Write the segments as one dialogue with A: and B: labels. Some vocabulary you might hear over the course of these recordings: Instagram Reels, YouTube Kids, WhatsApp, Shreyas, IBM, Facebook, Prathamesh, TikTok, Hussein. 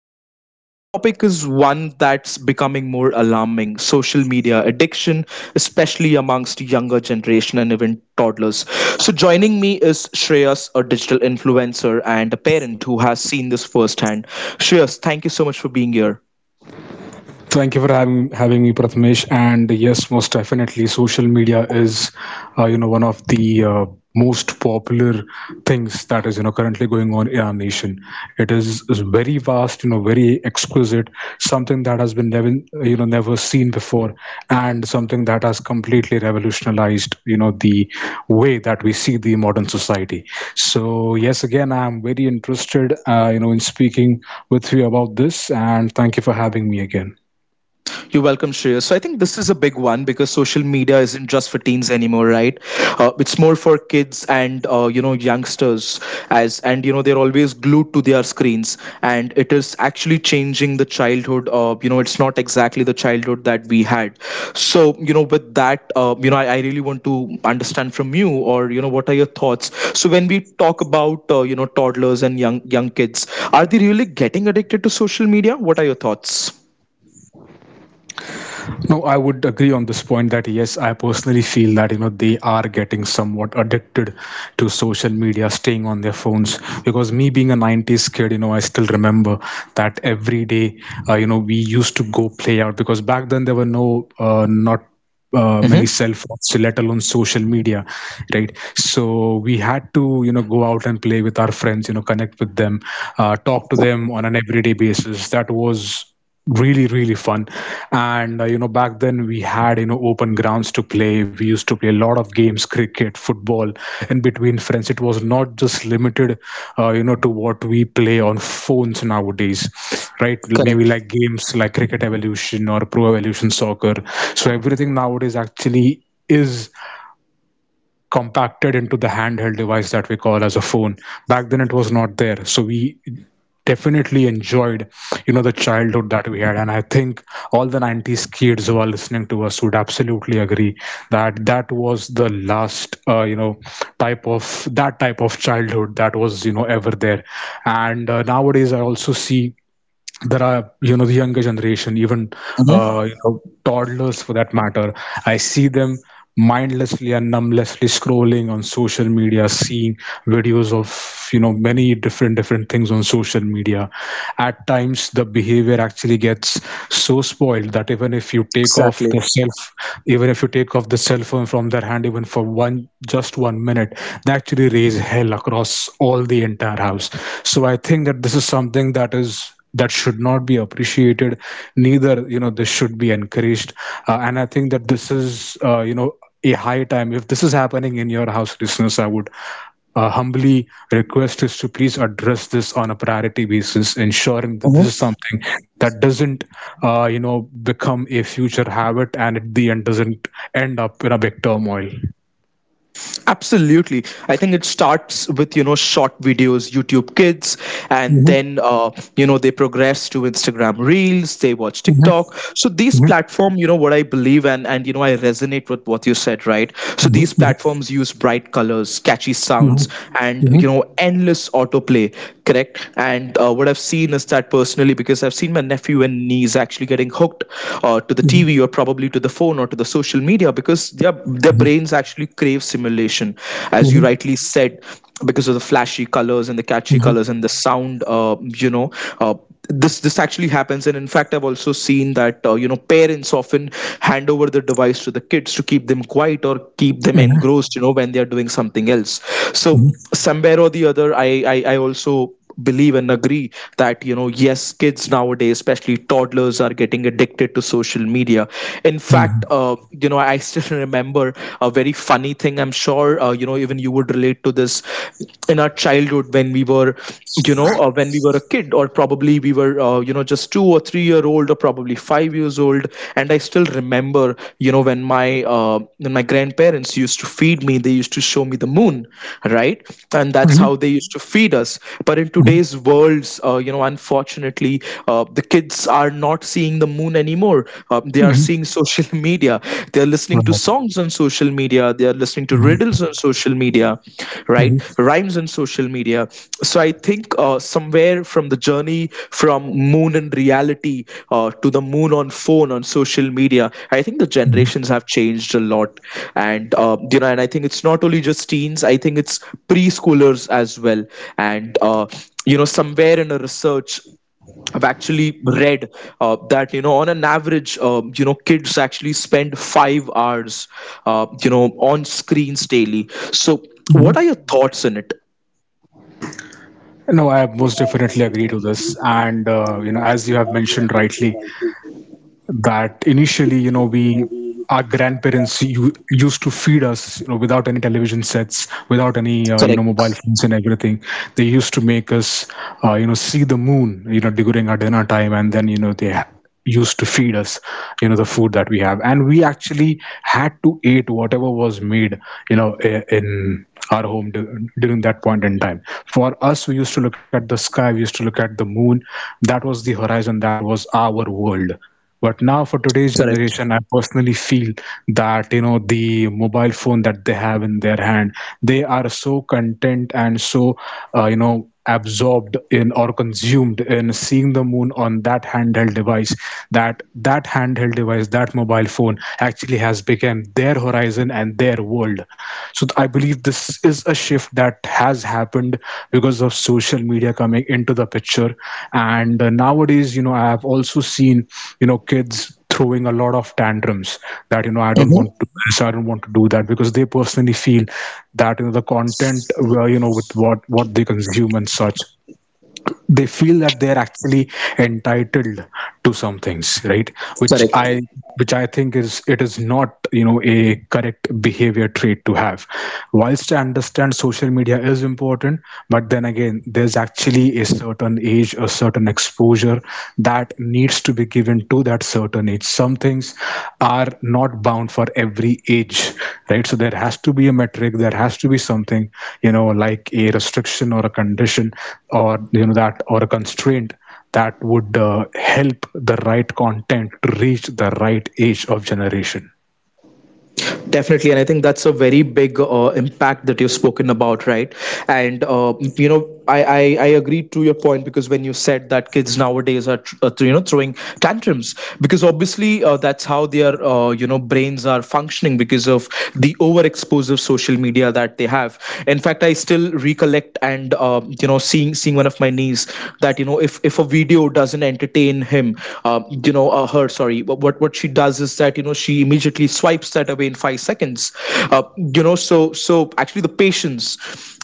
A: Lives. So today's topic is one that's becoming more alarming: social media addiction, especially amongst younger generation and even toddlers. So joining me is Shreyas, a digital influencer and a parent who has seen this firsthand. Shreyas, thank you so much for being here.
B: Thank you for having me, Prathamesh. And yes, most definitely, social media is, one of the most popular things that is, currently going on in our nation. It is very vast, very exquisite, something that has been never, never seen before, and something that has completely revolutionized, the way that we see the modern society. So yes, again, I am very interested, in speaking with you about this, and thank you for having me again.
A: You're welcome, Shreya. So I think this is a big one because social media isn't just for teens anymore, right? It's more for kids and youngsters as and they're always glued to their screens, and it is actually changing the childhood. It's not exactly the childhood that we had. So, with that, I really want to understand from you, or, what are your thoughts? So when we talk about toddlers and young kids, are they really getting addicted to social media? What are your thoughts?
B: No, I would agree on this point that yes, I personally feel that they are getting somewhat addicted to social media, staying on their phones. Because me being a '90s kid, I still remember that every day, we used to go play out, because back then there were not
A: hmm
B: many cell phones, let alone social media, right? So we had to, go out and play with our friends, connect with them, talk to them on an everyday basis. That was really really fun. And back then we had, open grounds to play. We used to play a lot of games: cricket, football, and between friends. It was not just limited, to what we play on phones nowadays, right? Maybe like games like Cricket Evolution or Pro Evolution Soccer. So everything nowadays actually is compacted into the handheld device that we call as a phone. Back then it was not there, so we definitely enjoyed, the childhood that we had. And I think all the 90s kids who are listening to us would absolutely agree that that was the last type of, that type of childhood that was, ever there. And nowadays I also see there are, the younger generation, even
A: Mhm.
B: toddlers for that matter, I see them mindlessly and numblessly scrolling on social media, seeing videos of, many different different things on social media. At times the behavior actually gets so spoiled that even if you take
A: Exactly.
B: off the self even if you take off the cell phone from their hand, even for one just one minute, they actually raise hell across all the entire house. So I think that this is something that is that should not be appreciated, neither, this should be encouraged. And I think that this is, a high time. If this is happening in your house, listeners, I would, humbly request is to please address this on a priority basis, ensuring that
A: Mhm.
B: this is something that doesn't, become a future habit, and at the end doesn't end up in a big turmoil.
A: Absolutely. I think it starts with, you know, short videos, YouTube Kids, and
B: Mhm,
A: then, they progress to Instagram Reels, they watch
B: mhm,
A: TikTok. So these
B: mhm,
A: platform, you know, what I believe and, I resonate with what you said, right? So these
B: mhm,
A: platforms use bright colors, catchy
B: mhm,
A: sounds, and,
B: mhm,
A: you
B: mhm,
A: know, endless autoplay, correct? And what I've seen is that personally, because I've seen my nephew and niece actually getting hooked to the
B: mhm, mhm,
A: TV or probably to the phone or to the social media because their
B: mhm,
A: brains actually crave simulation, as you
B: mhm,
A: rightly said, because of the flashy colors and the catchy colors and the sound. Uh, this this actually happens, and in fact I've also seen that parents often hand over the device to the kids to keep them quiet or keep them engrossed, you know, when they are doing something else. So
B: mhm, mhm, mhm,
A: somewhere or the other, I also believe and agree that you know yes, kids nowadays, especially toddlers, are getting addicted to social media. In fact,
B: mhm,
A: I still remember a very funny thing. I'm sure even you would relate to this. In our childhood when we were when we were a kid, or probably we were just two or three year old or probably 5 years old. And I still remember, you know, uh, when my grandparents used to feed me, they used to show me the moon, right? And that's how
B: mhm.
A: they used to feed us. But in today's worlds, unfortunately, the kids are not seeing the moon anymore. They are
B: Mhm.
A: seeing social media. They are listening to
B: Wow.
A: songs on social media, they are listening to riddles
B: Mhm.
A: on social media, right,
B: Mhm.
A: rhymes on social media. So I think somewhere from the journey from moon and reality to the moon on phone on social media, I think the generations have changed a lot. And and I think it's not only just teens, I think it's preschoolers as well. And somewhere in a research I've actually read that you know on an average, kids actually spend 5 hours on screens daily. So
B: Mhm.
A: what are your thoughts on it?
B: No, I most definitely agree to this. And, as you have mentioned rightly, that initially, our grandparents used to feed us, without any television sets, without any
A: Correct,
B: mobile phones and everything. They used to make us, see the moon, during our dinner time. And then, they used to feed us, the food that we have. And we actually had to eat whatever was made, in our home during that point in time. For us, we used to look at the sky, we used to look at the moon. That was the horizon, that was our world. But now, for today's
A: correct,
B: generation, I personally feel that the mobile phone that they have in their hand, they are so content and so, absorbed in, or consumed in, seeing the moon on that handheld device. That handheld device, that mobile phone, actually has become their horizon and their world. So I believe this is a shift that has happened because of social media coming into the picture. And nowadays, I have also seen, kids throwing a lot of tantrums, that I don't want to do this, I don't want to do that, because they personally feel that the content, with what they consume and such, they feel that they are actually entitled to some things, right? which
A: correct.
B: i which i think is it is not, a correct behavior trait to have. Whilst I understand social media is important, but then again, there's actually a certain age, a certain exposure, that needs to be given to that certain age. Some things are not bound for every age, right? So there has to be a metric, there has to be something, like a restriction or a condition, or a constraint that would, help the right content to reach the right age of generation.
A: Definitely, and I think that's a very big impact that you've spoken about, right? And I agree to your point because when you said that kids nowadays are throwing tantrums because obviously that's how their brains are functioning because of the overexposure of social media that they have. In fact, I still recollect, and seeing one of my niece, that you know if a video doesn't entertain him, her, sorry, what she does is that you know she immediately swipes that away in 5 seconds. uh, you know so so actually the patience,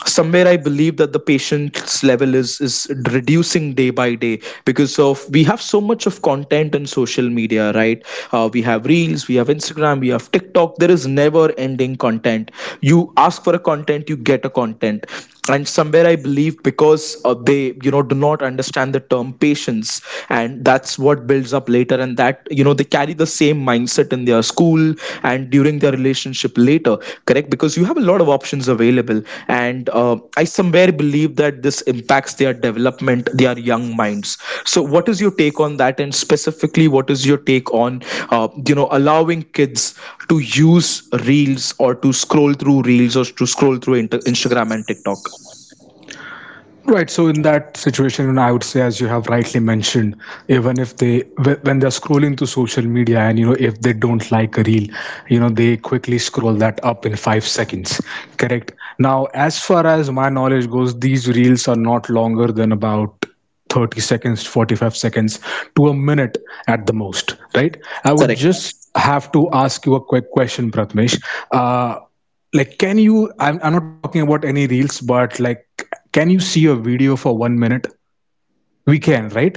A: somewhere I believe that the patience level is reducing day by day because of we have so much of content on social media, right? We have reels, we have Instagram, we have TikTok, there is never ending content. You ask for a content, you get a content. And somewhere I believe because they you know do not understand the term patience, and that's what builds up later. And that you know they carry the same mindset in their school and during their relationship later, correct, because you have a lot of options available. And I somewhere believe that this impacts their development, their young minds. So, what is your take on that, and specifically, what is your take on, allowing kids to use reels or to scroll through reels or to scroll through Instagram and TikTok?
B: Right. So in that situation, I would say, as you have rightly mentioned, even if they, when they're scrolling to social media, and if they don't like a reel, they quickly scroll that up in 5 seconds. Correct. Now, as far as my knowledge goes, these reels are not longer than about 30 seconds, 45 seconds, to a minute at the most, right? I would
A: Correct.
B: just have to ask you a quick question, Pratmesh. Uh, like I'm not talking about any reels, but like, can you see a video for 1 minute? We can, right?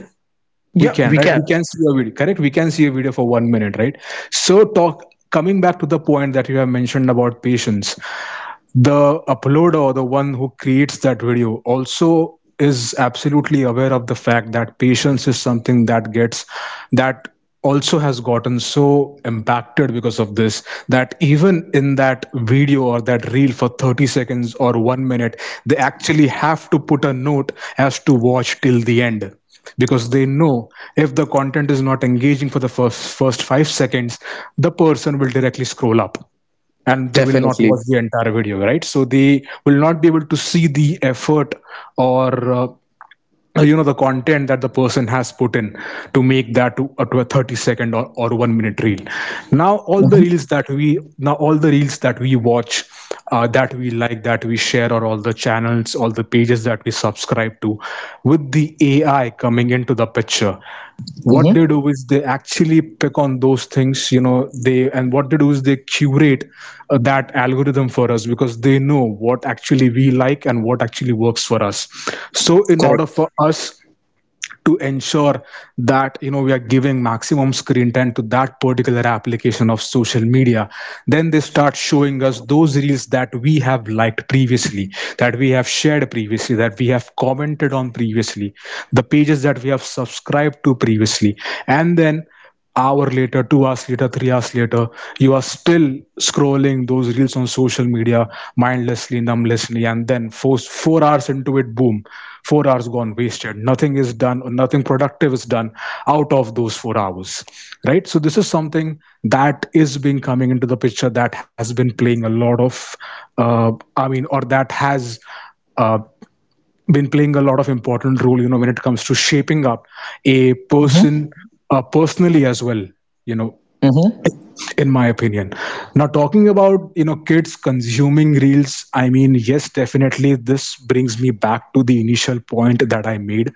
B: We
A: Yeah,
B: can,
A: we
B: right?
A: can
B: We can see a video, correct? We can see a video for 1 minute, right? So talk coming back to the point that you have mentioned about patience, the uploader, or the one who creates that video, also is absolutely aware of the fact that patience is something that also has gotten so impacted because of this, that even in that video or that reel for 30 seconds or 1 minute, they actually have to put a note as to watch till the end, because they know if the content is not engaging for the first 5 seconds, the person will directly scroll up and they will not
A: definitely.
B: watch the entire video, right? So they will not be able to see the effort, or the content that the person has put in to make that, to a 30 second, or 1 minute reel. now all the
A: Mm-hmm.
B: reels that we now all the reels that we watch, that we like, that we share, or all the channels, all the pages that we subscribe to, with the AI coming into the picture, what they
A: Mm-hmm.
B: do is they actually pick on those things. You know they and what they do is they curate, that algorithm for us, because they know what actually we like and what actually works for us. So in order
A: Correct.
B: for us to ensure that we are giving maximum screen time to that particular application of social media, then they start showing us those reels that we have liked previously, that we have shared previously, that we have commented on previously, the pages that we have subscribed to previously. And then hour later, 2 hours later, 3 hours later, you are still scrolling those reels on social media, mindlessly, numblessly. And then four hours into it, boom. 4 hours gone, wasted. Nothing is done, or nothing productive is done, out of those 4 hours, right? So this is something that is been coming into the picture, that has been playing a lot of, uh, I mean, or that has, uh, been playing a lot of important role, when it comes to shaping up a
A: Mm-hmm.
B: person, personally as well, you know
A: Mm-hmm.
B: in my opinion. Now talking about, kids consuming reels, I mean, yes, definitely this brings me back to the initial point that I made.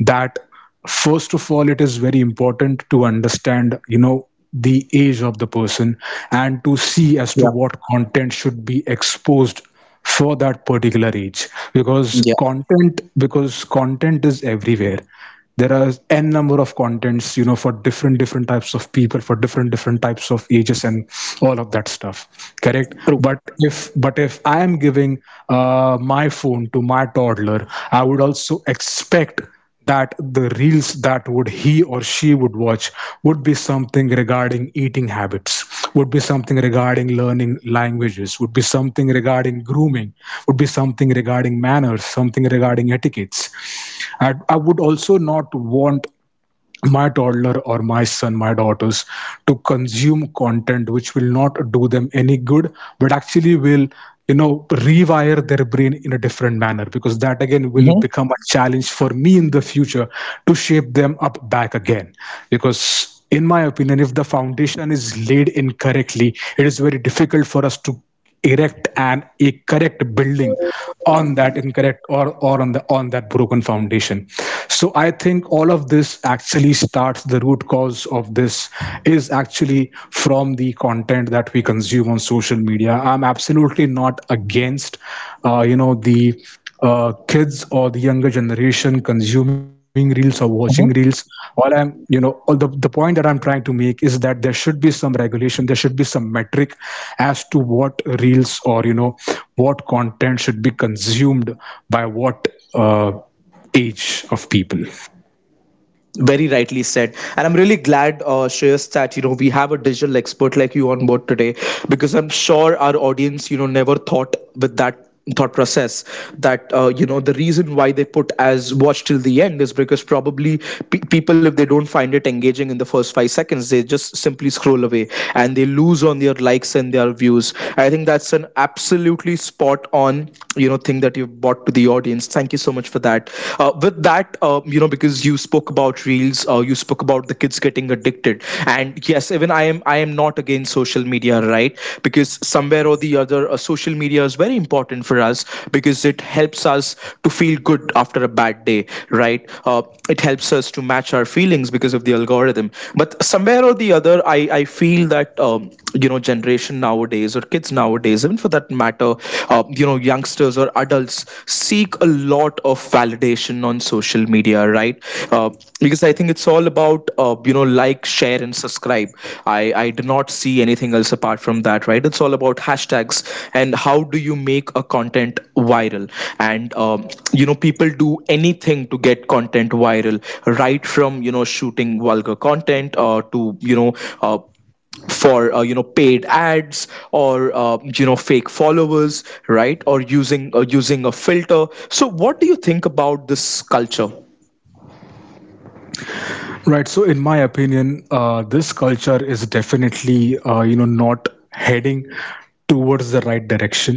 B: That first of all, it is very important to understand, the age of the person, and to see as to
A: Yeah.
B: what content should be exposed for that particular age.
A: Yeah.
B: Because content, is everywhere. There are n number of contents, for different different types of people, for different different types of ages and all of that stuff, correct?
A: True.
B: But if I am giving, my phone to my toddler, I would also expect that the reels that would he or she would watch would be something regarding eating habits, would be something regarding learning languages, would be something regarding grooming, would be something regarding manners, something regarding etiquettes. I would also not want my toddler, or my son, my daughters, to consume content which will not do them any good, but actually will, You know, rewire their brain in a different manner, because that again will
A: Mm-hmm.
B: become a challenge for me in the future to shape them up back again. Because, in my opinion, if the foundation is laid incorrectly, it is very difficult for us to erect an a correct building on that incorrect or on the on that broken foundation. So I think all of this actually starts, the root cause of this is actually from the content that we consume on social media. I'm absolutely not against, you know, the kids or the younger generation consuming reels or watching reels. All the point that I'm trying to make is that there should be some regulation, there should be some metric as to what reels, or you know, what content should be consumed by what uh, age of people.
A: Very rightly said, and I'm really glad, Shreyas, that you know we have a digital expert like you on board today, because I'm sure our audience, you know, never thought with that thought process that the reason why they put as watch till the end is because probably people if they don't find it engaging in the first 5 seconds they just simply scroll away and they lose on their likes and their views. I think that's an absolutely spot on, you know, thing that you've brought to the audience points. Thank you so much for that. With that, because you spoke about reels, you spoke about the kids getting addicted, and yes, even I am not against social media, right? Because somewhere or the other, social media is very important for us because it helps us to feel good after a bad day, right? It helps us to match our feelings because of the algorithm. But somewhere or the other, I feel that, generation nowadays or kids nowadays, even for that matter, youngsters or adults seek a lot of validation on social media, right? Uh, because I think it's all about, like, share, and subscribe. I do not see anything else apart from that, right? It's all about hashtags and how do you make a content viral. And, people do anything to get content viral, right from, you know, shooting vulgar content to, uh, for paid ads or fake followers, right, or using using a filter. So what do you think about this culture?
B: Right, so in my opinion, this culture is definitely, you know, not heading towards the right direction.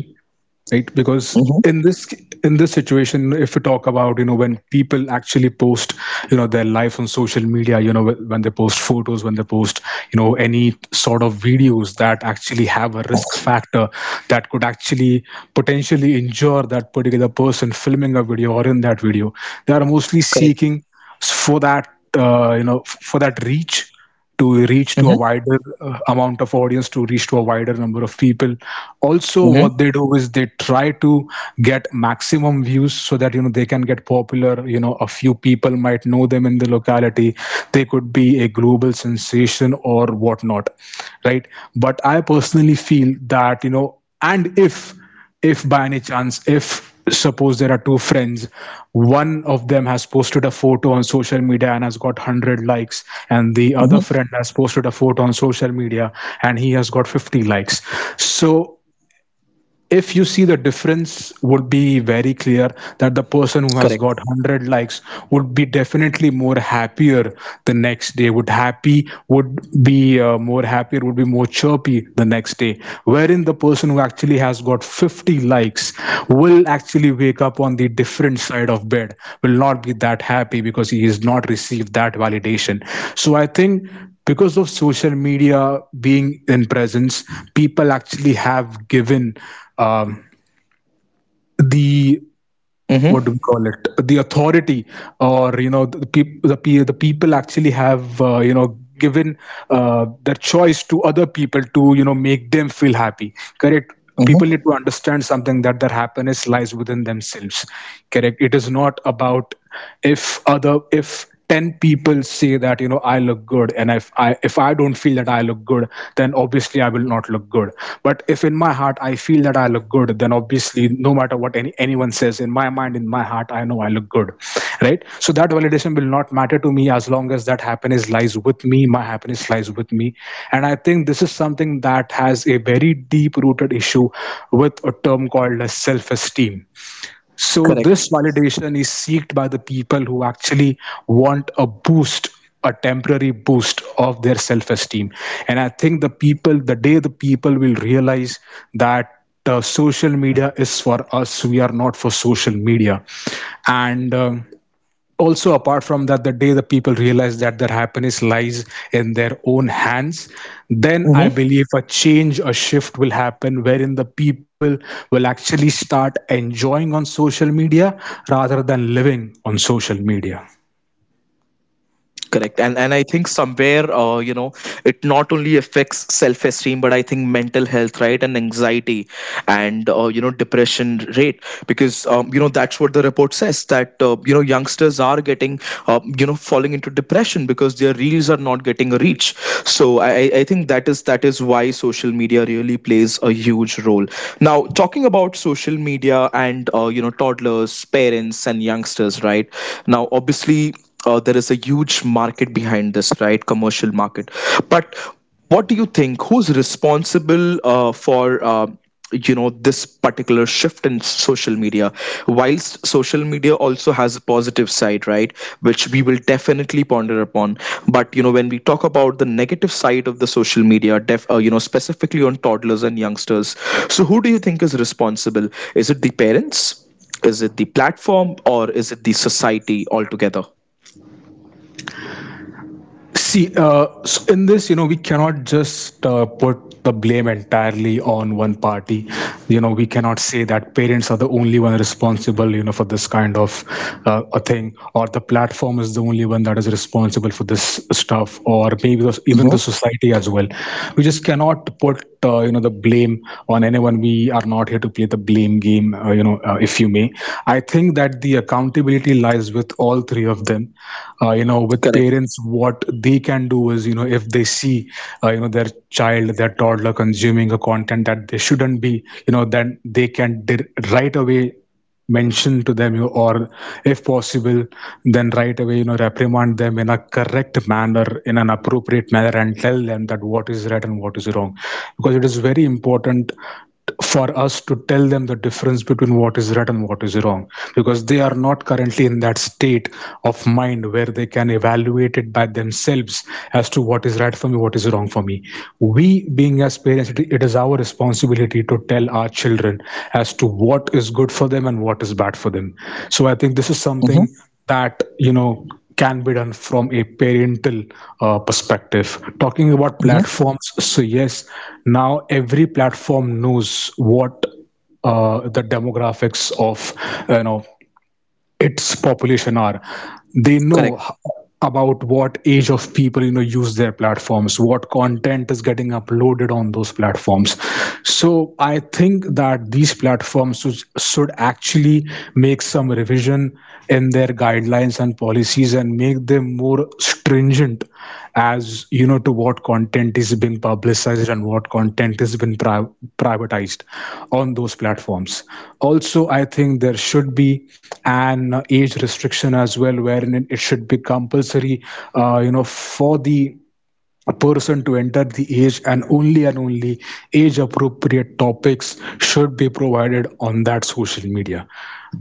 B: Right, because
A: Mm-hmm.
B: in this, in this situation, if we talk about, you know, when people actually post, you know, their life on social media, you know, when they post photos, when they post, you know, any sort of videos that actually have a risk factor that could actually potentially injure that particular person filming a video or in that video, they are mostly
A: Correct.
B: seeking for that, you know, for that reach, to reach to a wider, amount of audience, to reach to a wider number of people. Also,
A: Mm-hmm.
B: what they do is they try to get maximum views so that, you know, they can get popular. You know, a few people might know them in the locality, they could be a global sensation or whatnot, right? But I personally feel that, you know, and if by any chance, if suppose there are two friends, one of them has posted a photo on social media and has got 100 likes, and the other
A: Mm-hmm.
B: friend has posted a photo on social media and he has got 50 likes. So if you see, the difference would be very clear, that the person who has got
A: Correct.
B: 100 likes would be definitely more happier the next day, would be more happier, would be more chirpy the next day, wherein the person who actually has got 50 likes will actually wake up on the different side of bed, will not be that happy because he has not received that validation. So I think because of social media being in presence, people actually have given, um, the, what do we
A: Mm-hmm.
B: call it, the authority, or you know, the people actually have, you know, given, their choice to other people to, you know, make them feel happy. Correct, people need
A: Mm-hmm.
B: to understand something, that their happiness lies within themselves. Correct, it is not about, if other, if 10 people say that, you know, I look good, and if I, if I don't feel that I look good, then obviously I will not look good. But if in my heart I feel that I look good, then obviously no matter what anyone says, in my mind, in my heart, I know I look good, right? So that validation will not matter to me, as long as that happiness lies with me, my happiness lies with me. And I think this is something that has a very deep rooted issue, with a term called as self esteem. So
A: Correct.
B: this validation is sought by the people who actually want a boost, a temporary boost of their self-esteem. And I think the people, the day the people will realize that, social media is for us, we are not for social media. And also apart from that, the day the people realize that their happiness lies in their own hands, then I believe a change, a shift will happen, wherein the people will actually start enjoying on social media rather than living on social media.
A: Correct, and I think somewhere it not only affects self esteem but I think mental health, right, and anxiety and depression rate because that's what the report says, that youngsters are getting falling into depression because their reels are not getting a reach. So I think that is why social media really plays a huge role. Now talking about social media and toddlers, parents and youngsters, right, now obviously there is a huge market behind this, right? Commercial market. But what do you think? Who's responsible for this particular shift in social media? Whilst social media also has a positive side, right, which we will definitely ponder upon. But you know when we talk about the negative side of the social media, specifically on toddlers and youngsters. So who do you think is responsible? Is it the parents? Is it the platform or is it the society altogether?
B: See, so in this, you know, we cannot just, put the blame entirely on one party. You know, we cannot say that parents are the only one responsible, you know, for this kind of, a thing, or the platform is the only one that is responsible for this stuff, or maybe the, even the society as well. We just cannot put, you know, the blame on anyone. We are not here to play the blame game, you know, if you may. I think that the accountability lies with all three of them. You know, with
A: Correct.
B: parents, what they can do is, you know, if they see, you know, their child, their toddler consuming a content that they shouldn't be, you know, then they can right away mention to them, you know, or if possible, then right away, you know, reprimand them in a correct manner, in an appropriate manner, and tell them that what is right and what is wrong. Because it is very important for us to tell them the difference between what is right and what is wrong, because they are not currently in that state of mind where they can evaluate it by themselves as to what is right for me, what is wrong for me. We being as parents, it is our responsibility to tell our children as to what is good for them and what is bad for them. So I think this is something
A: Hmm.
B: that, you know, can be done from a parental, perspective. Talking about
A: Hmm.
B: platforms, so yes, now every platform knows what, the demographics of, you know, its population are. They know,
A: Correct.
B: about what age of people, you know, use their platforms, what content is getting uploaded on those platforms. So I think that these platforms should actually make some revision in their guidelines and policies and make them more stringent as, you know, to what content is being publicized and what content is being privatized on those platforms. Also I think there should be an age restriction as well, wherein it should be compulsory, you know, for the person to enter the age, and only age appropriate topics should be provided on that social media.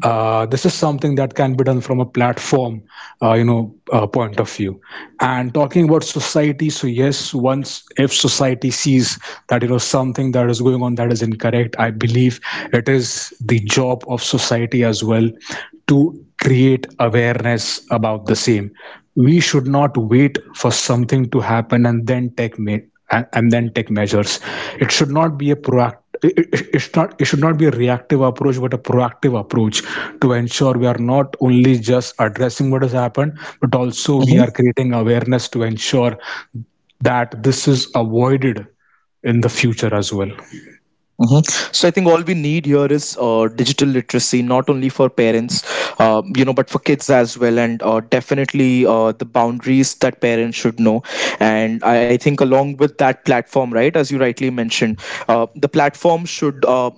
B: This is something that can be done from a platform, you know, point of view. And talking about society, so yes, once if society sees that, you know, something that is going on that is incorrect, I believe it is the job of society as well to create awareness about the same. We should not wait for something to happen and then and then take measures. It should not be a proactive. It's not, it should not be a reactive approach, but a proactive approach, to ensure we are not only just addressing what has happened, but also we are
A: Hmm.
B: creating awareness to ensure that this is avoided in the future as well.
A: Hmm. So I think all we need here is digital literacy, not only for parents, but for kids as well, and definitely the boundaries that parents should know. And I think along with that platform, right, as you rightly mentioned, the platform should. Uh,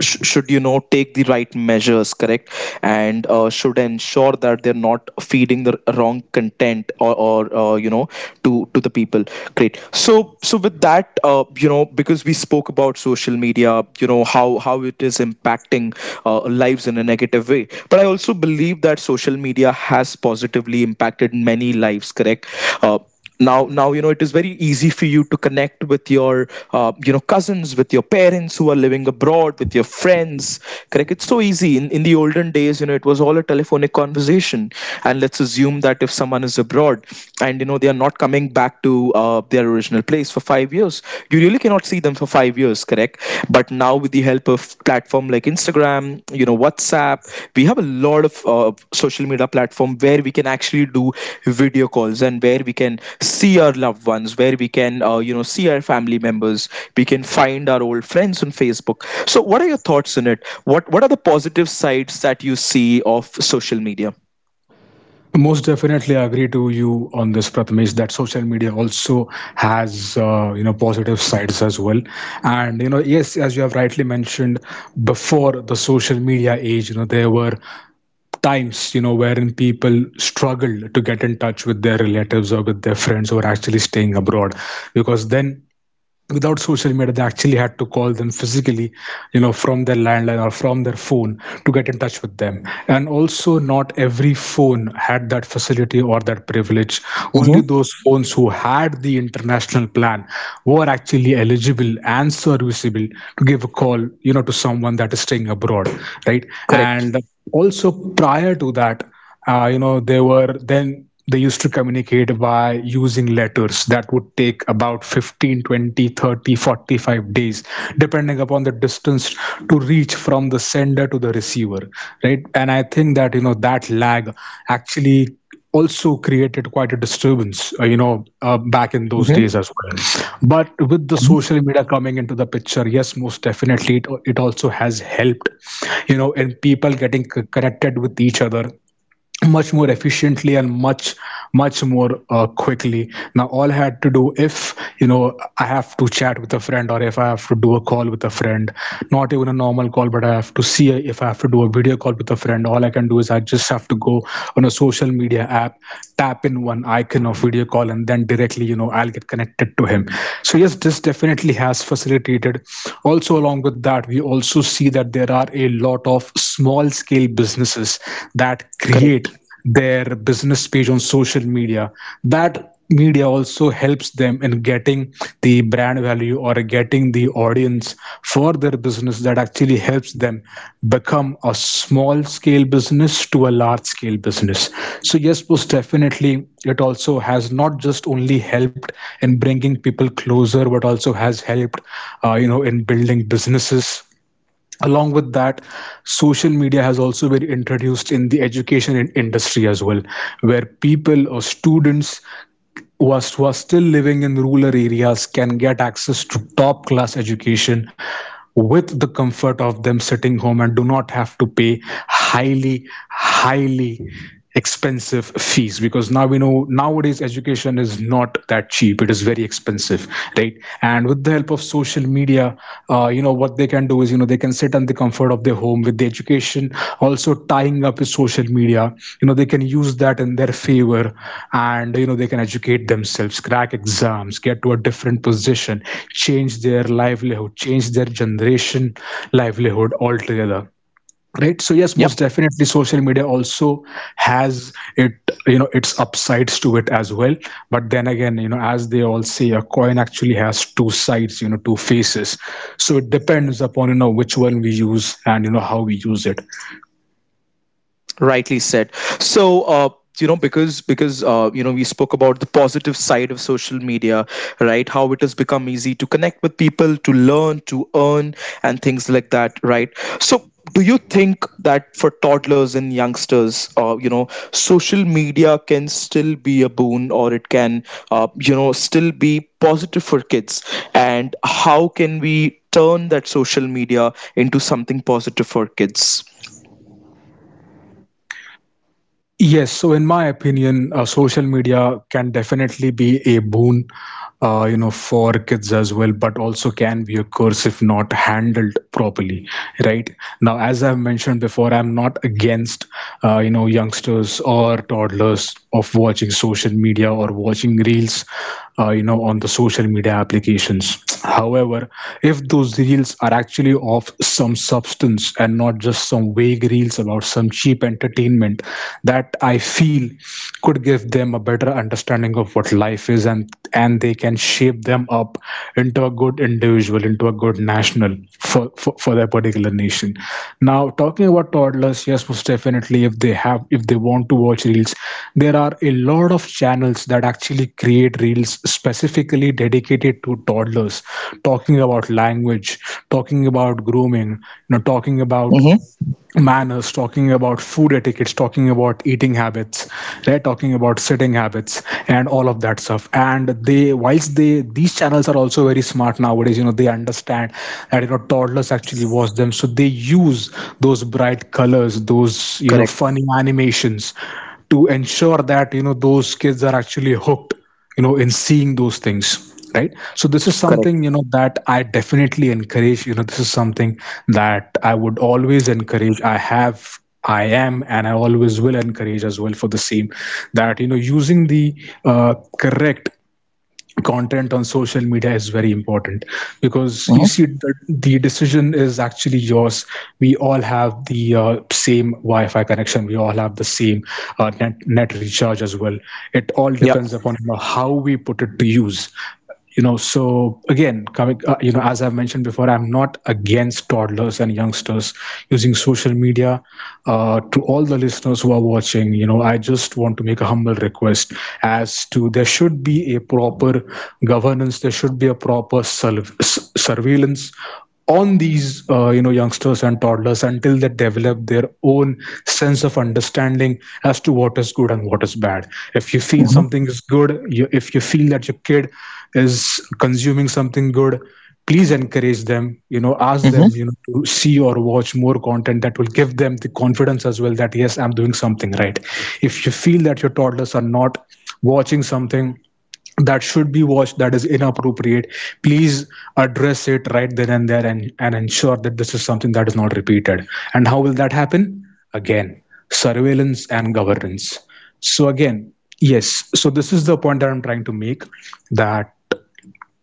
A: sh- Should you know take the right measures, correct, and should ensure that they're not feeding the wrong content or, to the people. Great. So so with that because we spoke about social media, you know how it is impacting lives in a negative way, but I also believe that social media has positively impacted many lives, correct. Uh, now you know it is very easy for you to connect with your cousins, with your parents who are living abroad, with your friends, correct. It's so easy. In the olden days, you know, it was all a telephonic conversation. And let's assume that if someone is abroad and you know they are not coming back to their original place for 5 years, you really cannot see them for 5 years, correct. But now with the help of platform like Instagram, you know, WhatsApp, we have a lot of social media platform where we can actually do video calls and where we can see our loved ones, where we can see our family members, we can find our old friends on Facebook. So what are your thoughts on it? What are the positive sides that you see of social media?
B: Most definitely, I agree to you on this, Prathamesh, that social media also has, you know, positive sides as well. And you know, yes, as you have rightly mentioned, before the social media age, you know, there were times, you know, wherein people struggle to get in touch with their relatives or with their friends who are actually staying abroad, because then, without social media, they actually had to call them physically, you know, from their landline or from their phone, to get in touch with them. And also not every phone had that facility or that privilege, only
A: Mhm.
B: those phones who had the international plan were actually eligible and serviceable to give a call, you know, to someone that is staying abroad, right?
A: Correct,
B: And also prior to that, you know, they were then they used to communicate by using letters that would take about 15, 20, 30, 45 days depending upon the distance to reach from the sender to the receiver, right? And I think that, you know, that lag actually also created quite a disturbance, you know, back in those days as well. But with the social media coming into the picture, yes, most definitely it also has helped, you know, in people getting connected with each other much more efficiently and much more, quickly. Now all I had to do, if, you know, I have to chat with a friend, or if I have to do a call with a friend, not even a normal call, but I have to see, if I have to do a video call with a friend, all I can do is I just have to go on a social media app, tap in one icon of video call, and then directly, you know, I'll get connected to him. So yes, this definitely has facilitated. Also along with that, we also see that there are A lot of small small scale businesses that create
A: correct.
B: their business page on social media, that media also helps them in getting the brand value or getting the audience for their business, that actually helps them become a small scale business to a large scale business. So yes, most definitely it also has not just only helped in bringing people closer but also has helped you know, in building businesses. Along with that, social media has also been introduced in the education industry as well, where people or students who are still living in rural areas can get access to top class education with the comfort of them sitting home and do not have to pay highly highly expensive fees, because now we know nowadays education is not that cheap, it is very expensive, right? And with the help of social media, you know what they can do is, you know, they can sit in the comfort of their home with the education also tying up with social media. You know, they can use that in their favor, and you know, they can educate themselves, crack exams, get to a different position, change their livelihood, change their generation livelihood altogether, right? So yes,
A: Yeah.
B: most definitely social media also has it, you know, its upsides to it as well. But then again, you know, as they all say, a coin actually has two sides, you know, two faces. So it depends upon, you know, which one we use and you know how we use it.
A: Rightly said. So uh, you know, because we spoke about the positive side of social media, right, how it has become easy to connect with people, to learn, to earn and things like that, right? So do you think that for toddlers and youngsters, social media can still be a boon, or it can still be positive for kids? And how can we turn that social media into something positive?
B: Yes, so in my opinion, social media can definitely be a boon, you know, for kids as well, but also can be a curse if not handled properly, right? Now, as I've mentioned before, I'm not against, you know, youngsters or toddlers of watching social media or watching reels, you know, on the social media applications. However, if those reels are actually of some substance and not just some vague reels about some cheap entertainment, that I feel could give them a better understanding of what life is, and they can shape them up into a good individual, into a good national for their particular nation. Now talking about toddlers, yes, most definitely if they have if they want to watch reels, there are a lot of channels that actually create reels specifically dedicated to toddlers, talking about language, talking about grooming, you know, talking about
A: Mm-hmm.
B: manners, talking about food etiquettes, talking about eating habits, right? Talking about sitting habits and all of that stuff. And whilst they, these channels are also very smart nowadays. You know, they understand that you know toddlers actually watch them, so they use those bright colors, those you know
A: Correct.
B: funny animations, to ensure that you know those kids are actually hooked, you know, in seeing those things, right? So this is something, you
A: Correct.
B: know, that I definitely encourage. You know, this is something that I would always encourage. I am and I always will encourage as well for the same, that you know using the correct content on social media is very important, because you see
A: Mm-hmm.
B: the decision is actually yours. We all have the same wi-fi connection, we all have the same net recharge as well. It all
A: Yeah.
B: depends upon, you know, how we put it to use. You know, so again coming, you know, as I've mentioned before, I'm not against toddlers and youngsters using social media. To all the listeners who are watching, you know, I just want to make a humble request as to there should be a proper governance, there should be a proper surveillance on these you know youngsters and toddlers until they develop their own sense of understanding as to what is good and what is bad. If you feel something
A: Mm-hmm.
B: is good, if you feel that your kid is consuming something good, please encourage them. You know, ask them, you know,
A: Mm-hmm.
B: to see or watch more content that will give them the confidence as well, that yes, I'm doing something right. If you feel that your toddlers are not watching something that should be watched, that is inappropriate, please address it right then and there, and ensure that this is something that is not repeated. And how will that happen? Again, surveillance and governance. So again, yes, so this is the point that I'm trying to make, that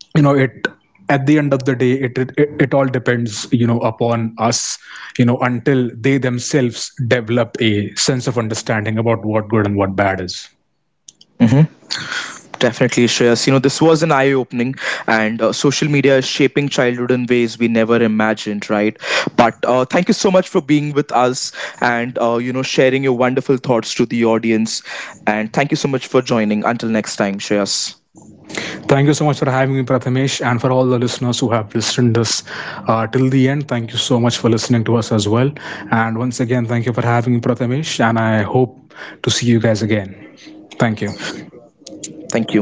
B: you know it at the end of the day, it all depends, you know, upon us. You know, until they themselves develop a sense of understanding about what good and what bad is.
A: Mm-hmm. Definitely, Shreyas. You know, this was an eye opening, and social media is shaping childhood in ways we never imagined, right? But thank you so much for being with us and, sharing your wonderful thoughts to the audience. And thank you so much for joining. Until next time, Shreyas.
B: Thank you so much for having me, Prathamesh, and for all the listeners who have listened this till the end. Thank you so much for listening to us as well. And once again, thank you for having me, Prathamesh, and I hope to see you guys again. Thank you.
A: Thank you.